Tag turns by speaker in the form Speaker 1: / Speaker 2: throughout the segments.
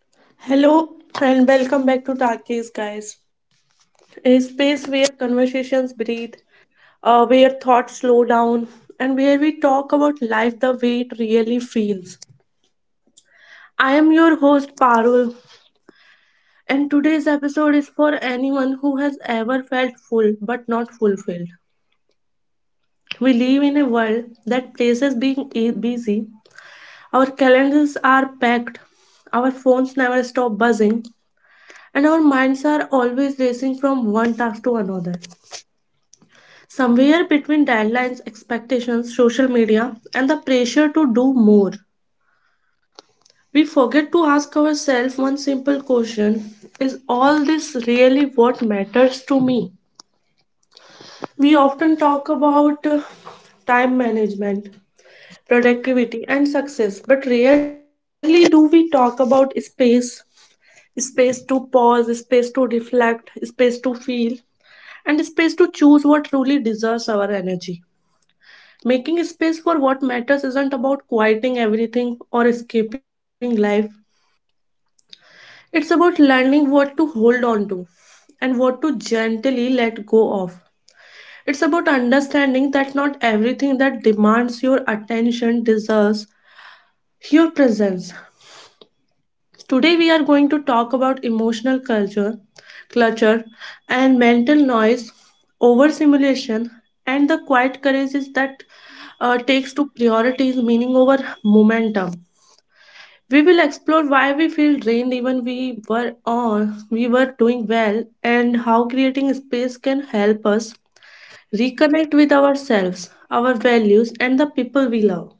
Speaker 1: Hello and welcome back to Talkies, guys. A space where conversations breathe, where thoughts slow down, and where we talk about life the way it really feels. I am your host, Parul, and today's episode is for anyone who has ever felt full but not fulfilled. We live world that places being busy, our calendars are packed, our phones never stop buzzing, and our minds are always racing from one task to another. Somewhere between deadlines, expectations, social and the pressure to do more, we forget to ask ourselves one simple question: Is all this really what matters to me? We often talk about time management, productivity, and success, but rarely do we talk about space: space to pause, space to reflect, space feel, and space to choose what truly deserves our energy. Making space for what matters isn't about quieting everything or escaping life. It's about learning what to hold on to and what to gently let go of. It's about understanding that not everything that demands your attention deserves your presence. Today we are going to talk about emotional culture, clutter and mental noise, overstimulation and the quiet courages that takes to priorities meaning over momentum. We will explore why we feel drained even we were doing well, and how creating space can help us reconnect with ourselves, our values, and the people we love.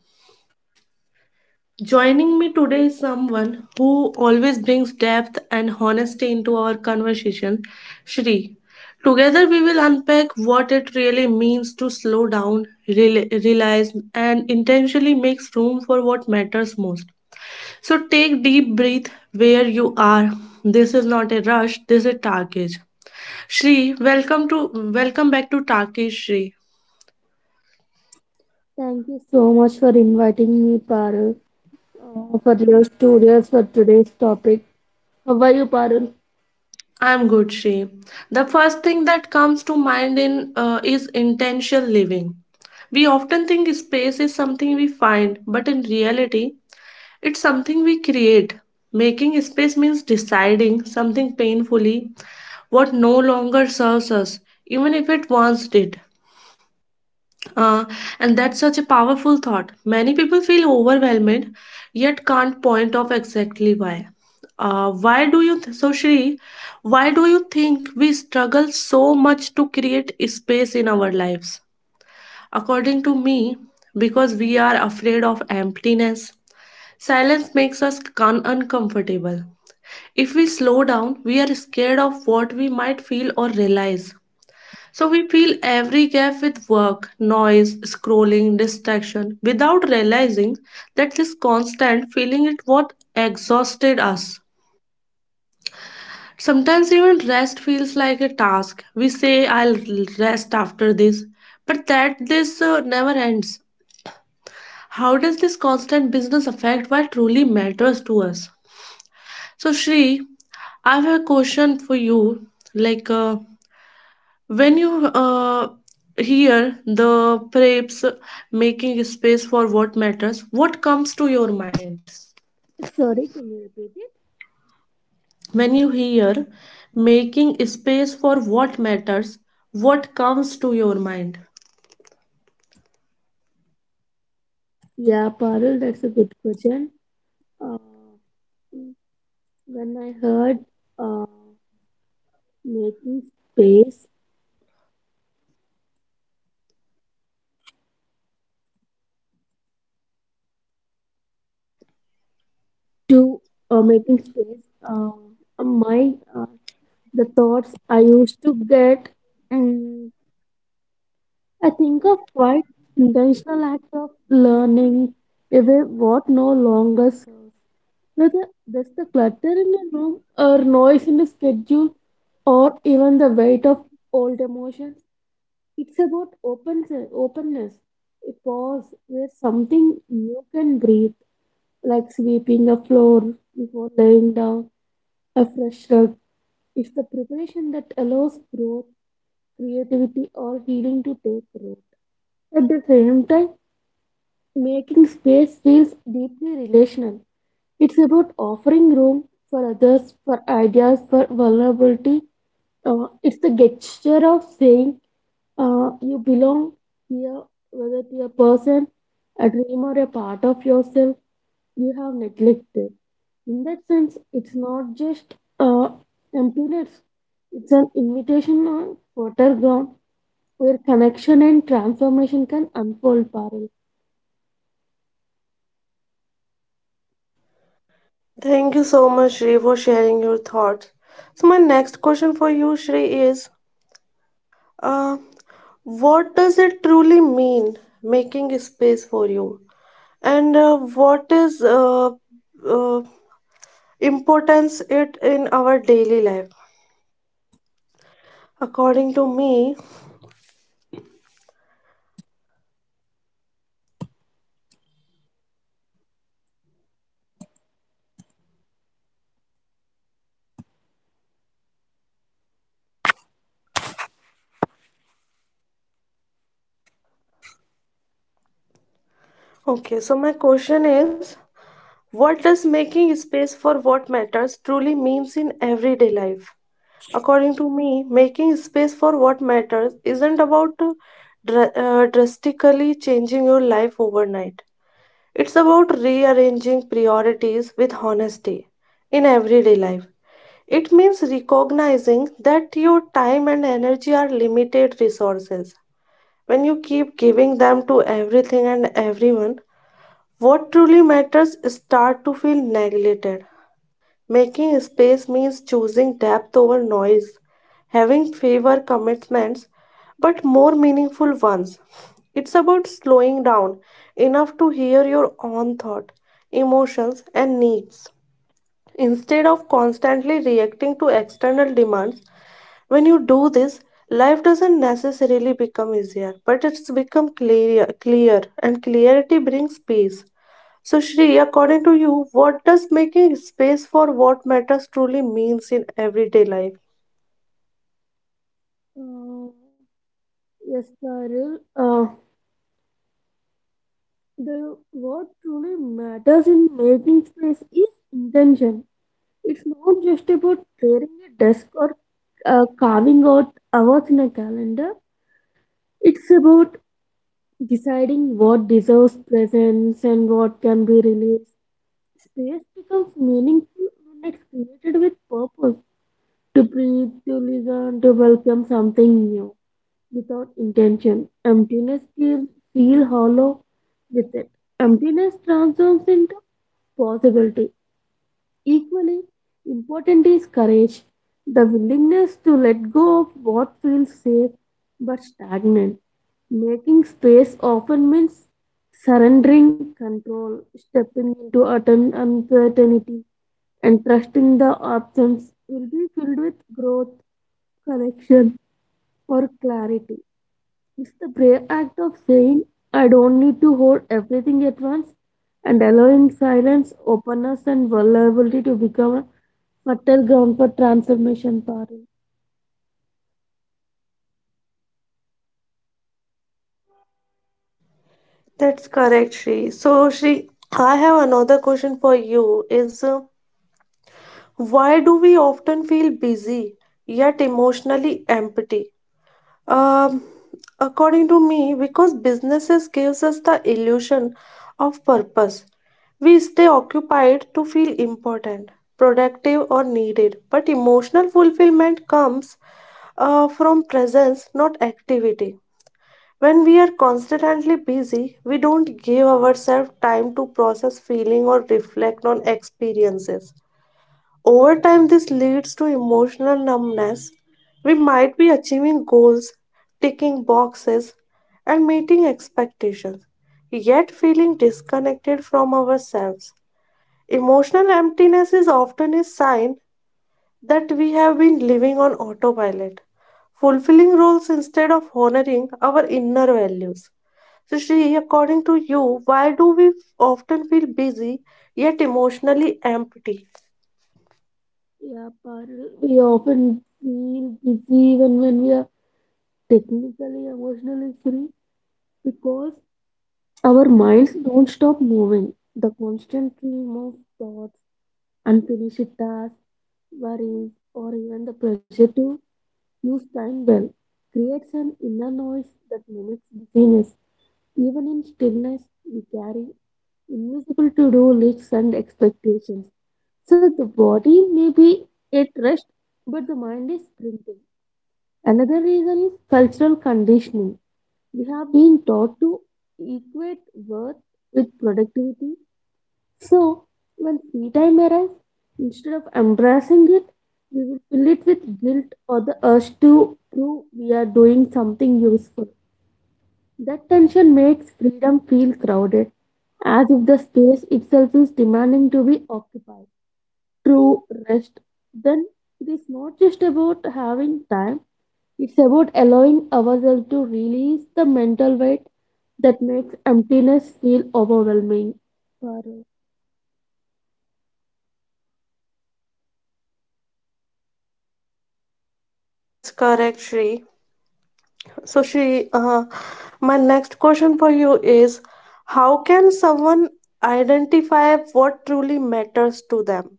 Speaker 1: Joining me today is someone who always brings depth and honesty into our conversation, Shri. Together, we will unpack what it really means to slow down, realize, and intentionally makes room for what matters most. So, take deep breath where you are. This is not a rush. This is Tarkish. Shri, welcome back to Tarkish, Shri.
Speaker 2: Thank you so much for inviting me, Parul, for your stories for today's topic. How are you, Parul?
Speaker 1: I'm good, Shri. The first thing that comes to mind in, is intentional living. We often think space is something we find, but in reality, it's something we create. Making space means deciding something painfully what no longer serves us, even if it once did. Uh, and that's such a powerful thought. Many people feel overwhelmed yet can't point off exactly why. So Shri, why do you think we struggle so much to create space in our lives? According to me, because we are afraid of emptiness. Silence makes us uncomfortable. If we slow down, we are scared of what we might feel or realize. So we fill every gap with work, noise, scrolling, distraction without realizing that this constant feeling it what exhausted us. Sometimes even rest feels like a task. We say, I'll rest after this, but that this never ends. How does this constant business affect what truly matters to us? So Shri, I have a question for you, like when you hear the preps making space for what matters, what comes to your mind?
Speaker 2: Sorry, can you repeat it?
Speaker 1: When you hear making space for what matters, what comes to your mind?
Speaker 2: Yeah, Parul, that's a good question. Uh, when I heard uh, making space to making space, my The thoughts I used to get, um, I think of quite intentional act of learning, even what no longer serves. Whether that's the clutter in the room, or noise in the schedule, or even the weight of old emotions, it's about openness. A pause where something new can breathe, like sweeping a floor before laying down a fresh rug. It's the preparation that allows growth, creativity, or healing to take root. At the same time, making space feels deeply relational. It's about offering room for others, for ideas, for vulnerability. It's the gesture of saying you belong here, whether to a person, a dream, or a part of yourself you have neglected. In that sense, it's not just emptiness, it's an invitation on fertile ground where connection and transformation can unfold parallel.
Speaker 1: Thank you so much, Shri, for sharing your thoughts. So, my next question for you, Shri, is uh, what does it truly mean making a space for you? And what is uh, importance it in our daily life? According to me, okay, so my question is, what does making space for what matters truly means in everyday life? According to me, making space for what matters isn't about drastically changing your life overnight. It's about rearranging priorities with honesty in everyday life. It means recognizing that your time and energy are limited resources. When you keep giving them to everything and everyone, what truly matters start to feel neglected. Making space means choosing depth over noise, having fewer commitments but more meaningful ones. It's about slowing down enough to hear your own thought, emotions, and needs. Instead of constantly reacting to external demands, when you do this, life doesn't necessarily become easier, but it's become clear, and clarity brings peace. So, Shri, according to you, what does making space for what matters truly means in everyday life?
Speaker 2: Uh, yes, Parul. The what truly matters in making space is intention. It's not just about clearing a desk or carving out hours in a calendar. It's about deciding what deserves presence and what can be released. Space becomes meaningful when it's created with purpose. To breathe, to listen, to welcome something new. Without intention, emptiness can feel hollow with it. Emptiness transforms into possibility. Equally important is courage, the willingness to let go of what feels safe but stagnant. Making space often means surrendering control, stepping into certain uncertainty, and trusting the options will be filled with growth, connection, or clarity. It's the brave act of saying, I don't need to hold everything at once, and allowing silence, openness, and vulnerability to become a fertile ground for transformation, Parul.
Speaker 1: That's correct, Shri. So, Shri, I have another question for you, is why do we often feel busy yet emotionally empty? Um, According to me, because businesses gives us the illusion of purpose. We stay occupied to feel important, productive or needed, but emotional fulfillment comes from presence, not activity. When we are constantly busy, we don't give ourselves time to process feeling or reflect on experiences. Over time, this leads to emotional numbness. We might be achieving goals, ticking boxes, and meeting expectations, yet feeling disconnected from ourselves. Emotional emptiness is often a sign that we have been living on autopilot, fulfilling roles instead of honoring our inner values. So, Shri, according to you, why do we often feel busy yet emotionally empty?
Speaker 2: Yeah, Parul. We often feel busy even when we are technically, emotionally free because our minds don't stop moving. The constant stream of thoughts, unfinished tasks, worries, or even the pressure to use time well creates an inner noise that mimics busyness. Even in stillness, we carry invisible to do lists and expectations. So the body may be at rest, but the mind is sprinting. Another reason is cultural conditioning. We have been taught to equate worth with productivity, so when free time arrives, instead of embracing it, we will fill it with guilt or the urge to prove we are doing something useful. That tension makes freedom feel crowded, as if the space itself is demanding to be occupied. True rest, then, it is not just about having time, it's about allowing ourselves to release the mental weight that makes emptiness feel overwhelming, Parul.
Speaker 1: That's correct, Shri. So, Shri, my next question for you is: How can someone identify what truly matters to them?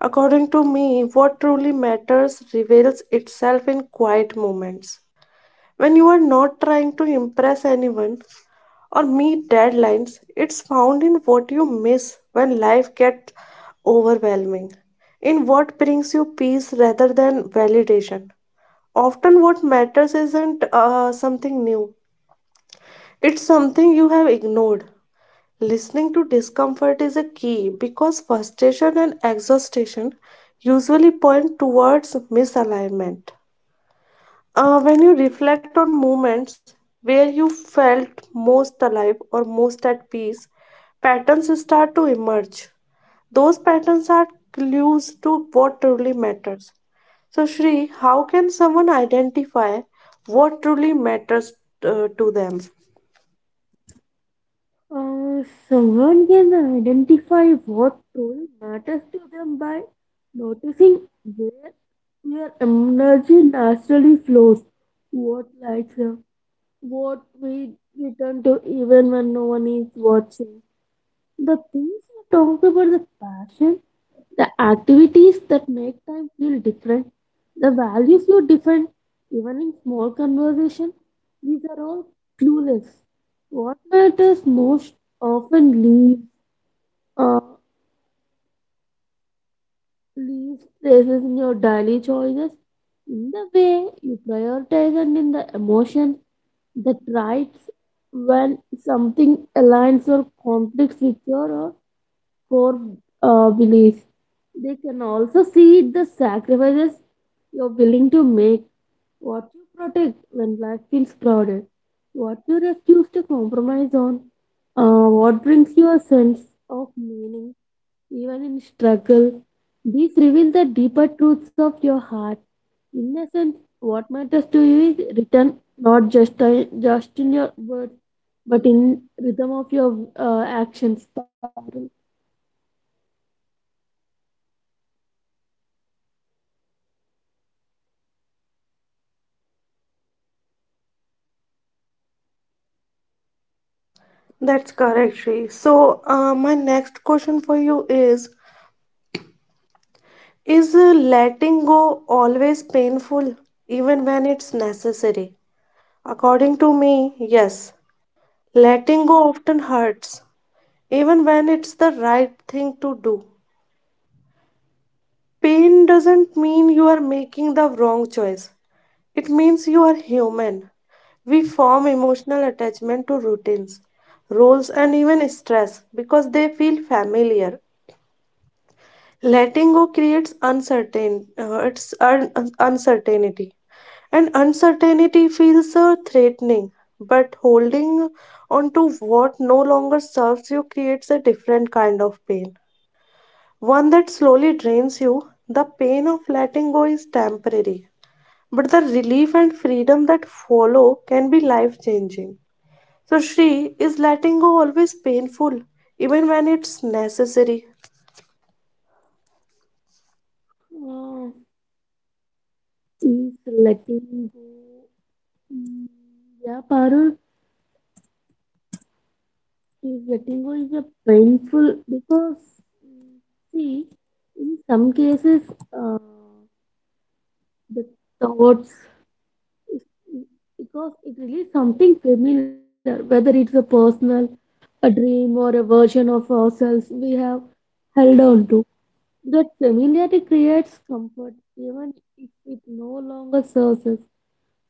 Speaker 1: According to me, what truly matters reveals itself in quiet moments when you are not trying to impress anyone or meet deadlines. It's found in what you miss when life gets overwhelming, in what brings you peace rather than validation. Often, what matters isn't something new, it's something you have ignored. Listening to discomfort is a key, because frustration and exhaustion usually point towards misalignment. When you reflect on moments where you felt most alive or most at peace, patterns start to emerge. Those patterns are clues to what truly matters. Shri, how can someone identify what truly matters to them?
Speaker 2: Uh, Someone can identify what role matters to them by noticing where their energy naturally flows, what lights up, what we return to even when no one is watching. The things we talk about, the passion, the activities that make time feel different, the value feel different, even in small conversation, these are all clueless. What matters most often leaves uh, leaves places in your daily choices, in the way you prioritize, and in the emotion that rights when something aligns or conflicts with your core beliefs. They can also see the sacrifices you're willing to make, what you protect when life feels crowded, what you refuse to compromise on, what brings you a sense of meaning even in struggle. These reveal the deeper truths of your heart. In a sense, what matters to you is written not just in your words, but in rhythm of your actions, Parul.
Speaker 1: That's correct, Shri. So, my next question for you is: Is letting go always painful, even when it's necessary? According to me, yes. Letting go often hurts, even when it's the right thing to do. Pain doesn't mean you are making the wrong choice, it means you are human. We form emotional attachment to routines, roles, and even stress because they feel familiar. Letting go creates uncertain, uncertainty. And uncertainty feels threatening, but holding on to what no longer serves you creates a different kind of pain, one that slowly drains you. The pain of letting go is temporary, but the relief and freedom that follow can be life changing. So, Shri, is letting go always painful, even when it's necessary?
Speaker 2: Uh, she's letting go. Mm, yeah, Parul. Yes, letting go is a painful because, mm, see, in some cases, uh, the thoughts is- because it releases something familiar, whether it's a personal, a dream, or a version of ourselves we have held on to. That familiarity creates comfort even if it no longer serves us.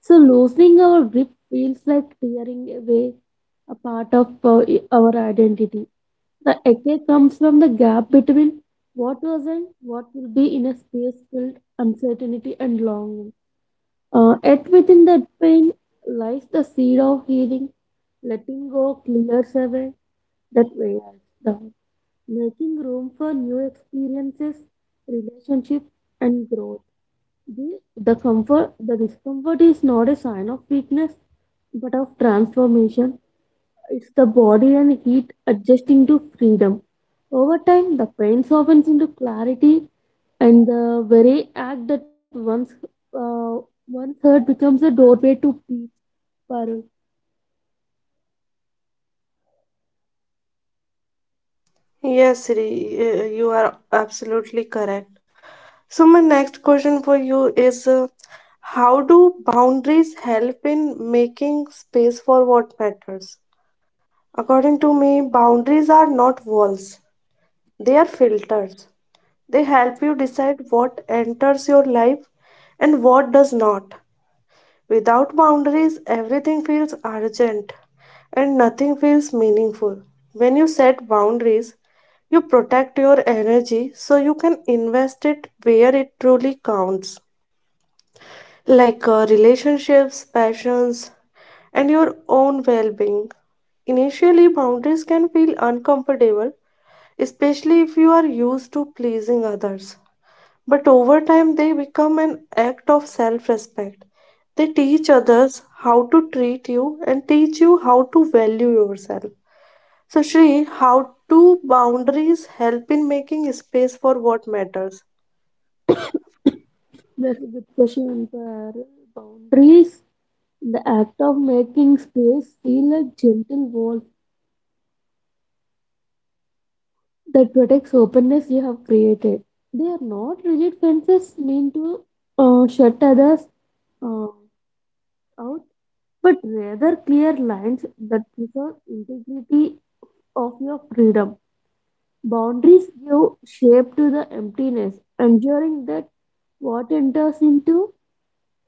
Speaker 2: So, loosening our grip feels like tearing away a part of our identity. The echo comes from the gap between what was and what will be, in a space filled uncertainty and longing. Yet within that pain lies the seed of healing. Letting go clears away that weighs us down, making room for new experiences, relationships, and growth. The, the comfort, the discomfort is not a sign of weakness, but of transformation. It's the body and heat adjusting to freedom. Over time, the pain softens into clarity, and the very act that uh, once hurt becomes a doorway to peace for
Speaker 1: Yes, Sri, you are absolutely correct. So, my next question for you is how do boundaries help in making space for what matters? According to me, boundaries are not walls, they are filters. They help you decide what enters your life and what does not. Without boundaries, everything feels urgent and nothing feels meaningful. When you set boundaries, you protect your energy so you can invest it where it truly counts, like relationships, passions, and your own well being. Initially, boundaries can feel uncomfortable, especially if you are used to pleasing others. But over time, they become an act of self respect. They teach others how to treat you and teach you how to value yourself. So, Shri, how do boundaries help in making space for what matters?
Speaker 2: discussion. For boundaries, the act of making space feel like gentle walls that protects openness you have created. They are not rigid fences meant to shut others uh, out, but rather clear lines that preserve integrity of your freedom. Boundaries give shape to the emptiness, ensuring that what enters into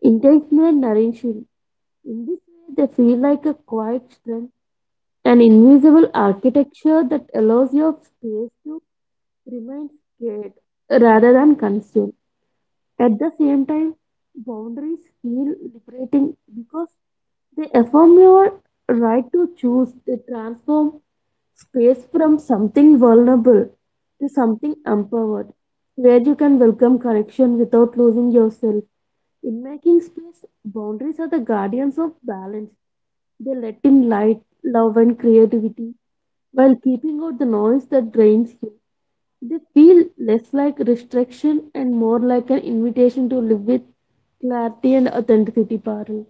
Speaker 2: intentional nourishing. In this way, they feel like a quiet strength, an invisible architecture that allows your space to remain scared rather than consumed. At the same time, boundaries feel liberating because they affirm your right to choose. They transform space from something vulnerable to something empowered, where you can welcome correction without losing yourself. In making space, boundaries are the guardians of balance. They let in light, love, and creativity while keeping out the noise that drains you. They feel less like restriction and more like an invitation to live with clarity and authenticity, Parul.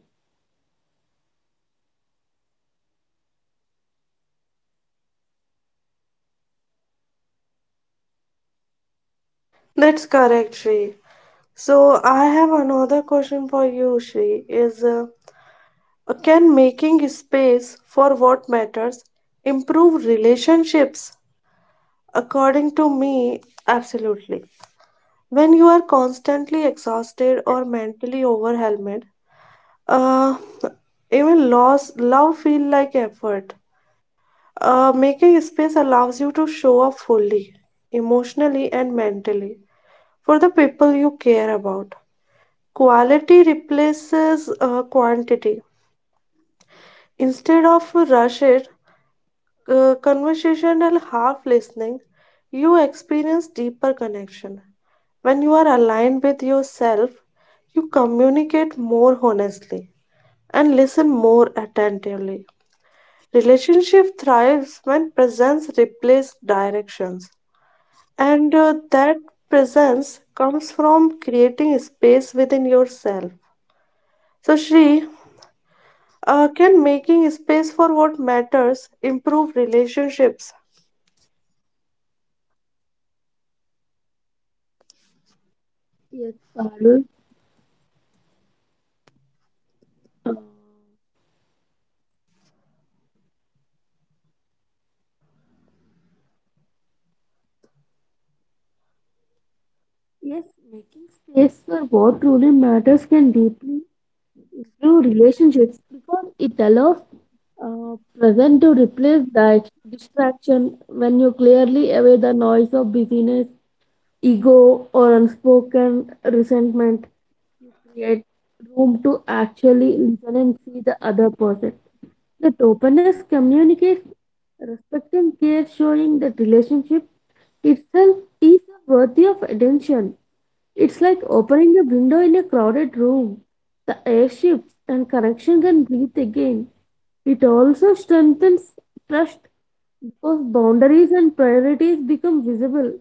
Speaker 1: That's correct, Shri. So, I have another question for you, Shri. Is can making space for what matters improve relationships? According to me, absolutely. When you are constantly exhausted or mentally overwhelmed, uh, even loss, love feel like effort. Making space allows you to show up fully, emotionally and mentally, for the people you care about. Quality replaces quantity. Instead of rush it, conversation half listening, you experience deeper connection. When you are aligned with yourself, you communicate more honestly and listen more attentively. Relationship thrives when presence replaces directions, and that presence comes from creating space within yourself. So, Shri, can making space for what matters improve relationships?
Speaker 2: Yes, Parul. Uh, yes, making space for what truly matters can deeply improve relationships because it allows present to replace that distraction. When you clearly away the noise of busyness, ego, or unspoken resentment, you create room to actually listen and see the other person. That openness communicates respect and care, showing that relationship itself is worthy of attention. It's like opening a window in a crowded room. The air shifts and connection can breathe again. It also strengthens trust because boundaries and priorities become visible.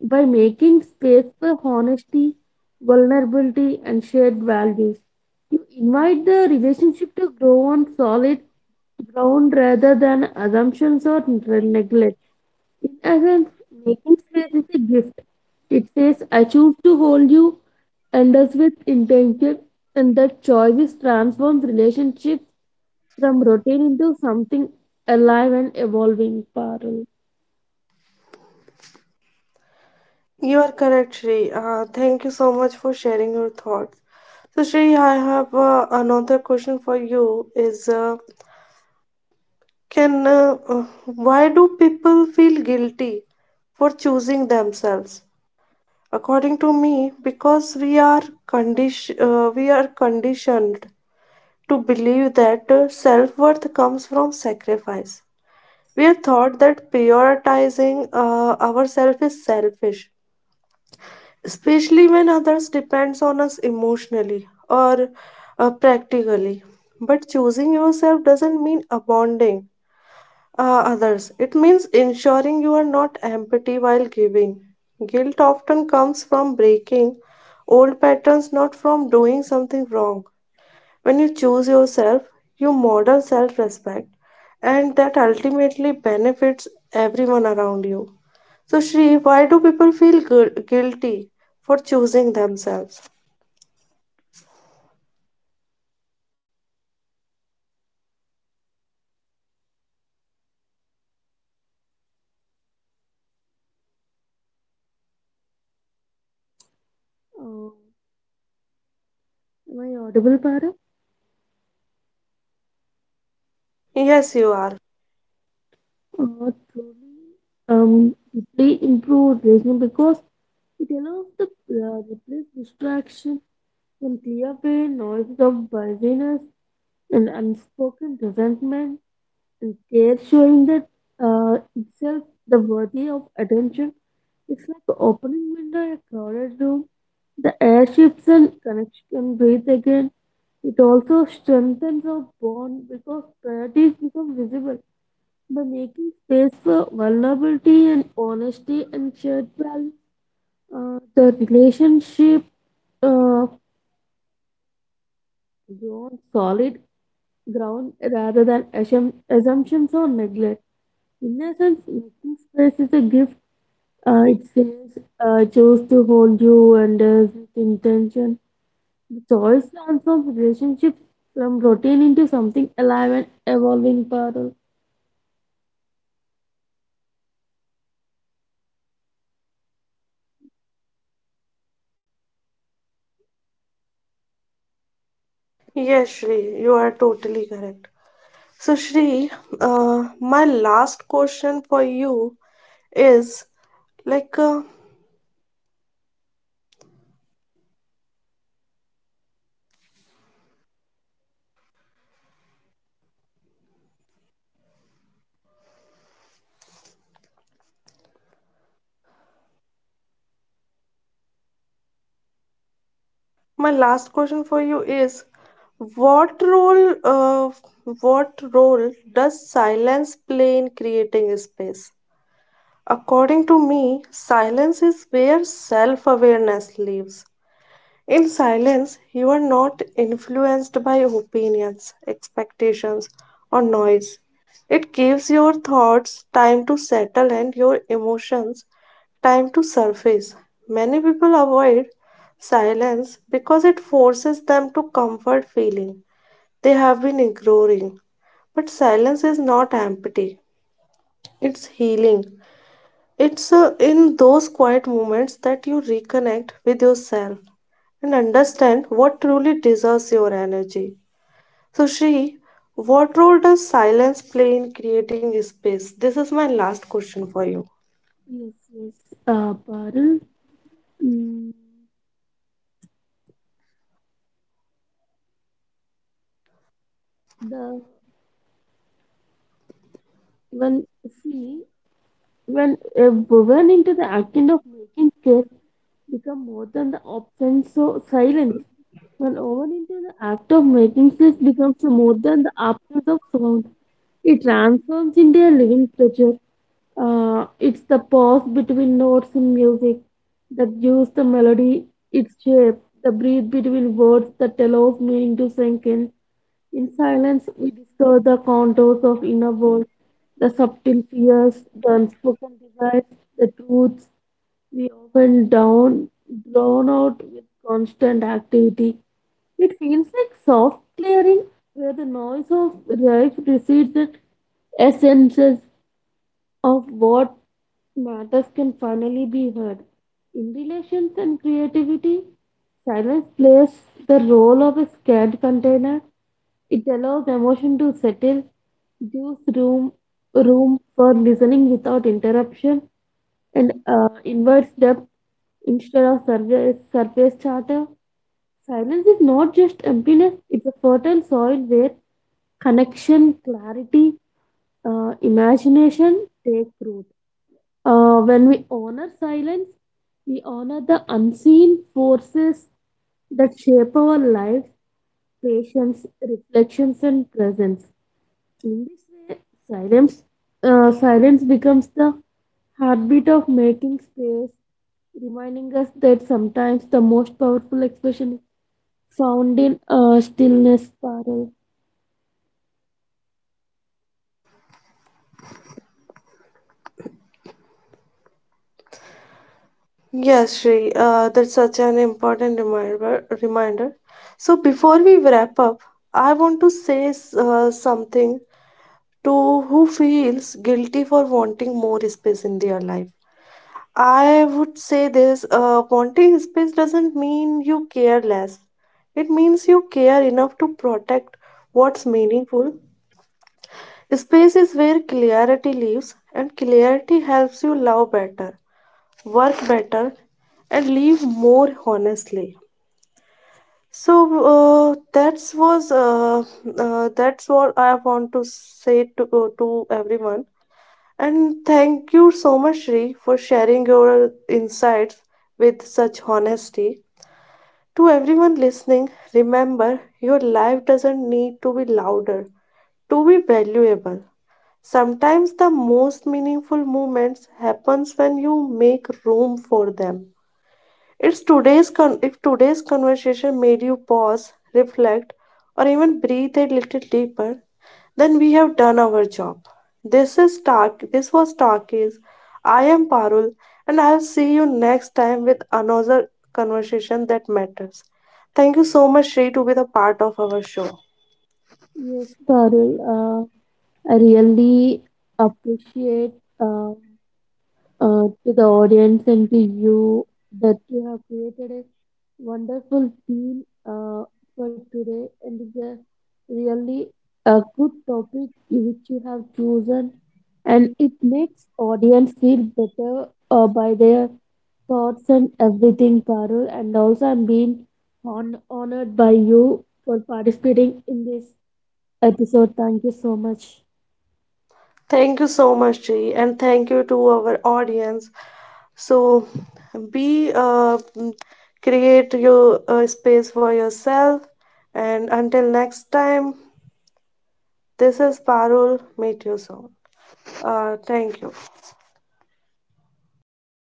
Speaker 2: By making space for honesty, vulnerability, and shared values, you invite the relationship to grow on solid ground rather than assumptions or neglect. In essence, making space is a gift. It says, I choose to hold you, and does with intention, and that choice is transforms relationships from routine into something alive and evolving, Parul.
Speaker 1: You are correct, Shri. Thank you so much for sharing your thoughts. So, Shri, I have another question for you. Is can why do people feel guilty for choosing themselves? According to me, because we are conditioned to believe that self worth comes from sacrifice. We are taught that prioritizing ourselves is selfish, especially when others depends on us emotionally or practically. But choosing yourself doesn't mean abandoning others. It means ensuring you are not empty while giving. Guilt often comes from breaking old patterns, not from doing something wrong. When you choose yourself, you model self-respect, and that ultimately benefits everyone around you. So, Shri, why do people feel guilty for choosing themselves?
Speaker 2: Uh, am I audible, Parul?
Speaker 1: Yes, you are.
Speaker 2: Truly um, deeply improved listening because it allows the replace distraction from clear away noises of busyness and unspoken resentment and care, showing that itself the worthy of attention. It's like opening window in a crowded room. The air shifts and connection breathe again. It also strengthens our bond because priorities become visible. By making space for vulnerability and honesty and shared values, the relationship uh, grows solid ground rather than assumptions or neglect. In essence, making space is a gift. It says, I choose to hold you under this intention. The choice transforms relationships from routine into something alive and evolving, Parul.
Speaker 1: Yes, Shri, you are totally correct. So, Shri, my last question for you is like, uh, my last question for you is what role, what role does silence play in creating space? According to me, silence is where self awareness lives. In silence, you are not influenced by opinions, expectations, or noise. It gives your thoughts time to settle and your emotions time to surface. Many people avoid silence because it forces them to comfort feeling they have been ignoring. But silence is not empty, it's healing. It's in those quiet moments that you reconnect with yourself and understand what truly deserves your energy. So, Shri, what role does silence play in creating space? This is my last question for you.
Speaker 2: Yes, yes, Parul. Mm, the When see, when Woven into the action of making cake become more than the absence of silence. When woven into the act of making cake becomes more than the absence of sound. It transforms into a living creature. It's the pause between notes in music that gives the melody its shape. The breathe between words that allows meaning to sink in. In silence, we discover the contours of inner world, the subtle fears, the unspoken desires, the truths we often down drawn out with constant activity. It feels like soft clearing where the noise of life recedes and essences of what matters can finally be heard. In relations and creativity, silence plays the role of a scared container. It allows emotion to settle, gives room for listening without interruption, and invites depth instead of surface chatter. Silence is not just emptiness; it's a fertile soil where connection, clarity, imagination take root. When we honor silence, we honor the unseen forces that shape our lives, patience, reflections, and presence. In this way, silence, silence becomes the heartbeat of making space, reminding us that sometimes the most powerful expression is found in stillness, Parul.
Speaker 1: Yes, Shri, that's such an important reminder. So before we wrap up, I want to say something to who feels guilty for wanting more space in their life. I would say this: wanting space doesn't mean you care less. It means you care enough to protect what's meaningful. Space is where clarity lives, and clarity helps you love better, work better, and live more honestly. So uh, that's was uh, that's what I want to say to everyone. And thank you so much, Shri, for sharing your insights with such honesty. To everyone listening, remember your life doesn't need to be louder to be valuable. Sometimes the most meaningful moments happens when you make room for them. If today's conversation made you pause, reflect, or even breathe a little deeper, then we have done our job. This is Talk. This was Talkies. I am Parul, and I'll see you next time with another conversation that matters. Thank you so much, Shri, to be the part of our show.
Speaker 2: Yes, Parul. I really appreciate. Uh, to the audience and to you, that you have created a wonderful theme for today, and it's a really a good topic which you have chosen, and it makes audience feel better by their thoughts and everything, Parul. And also I'm being honored by you for participating in this episode. Thank you so much.
Speaker 1: Thank you so much, Ji, and thank you to our audience. So, be uh, mm, create your space for yourself. And until next time, this is Parul. Meet you soon. Thank you.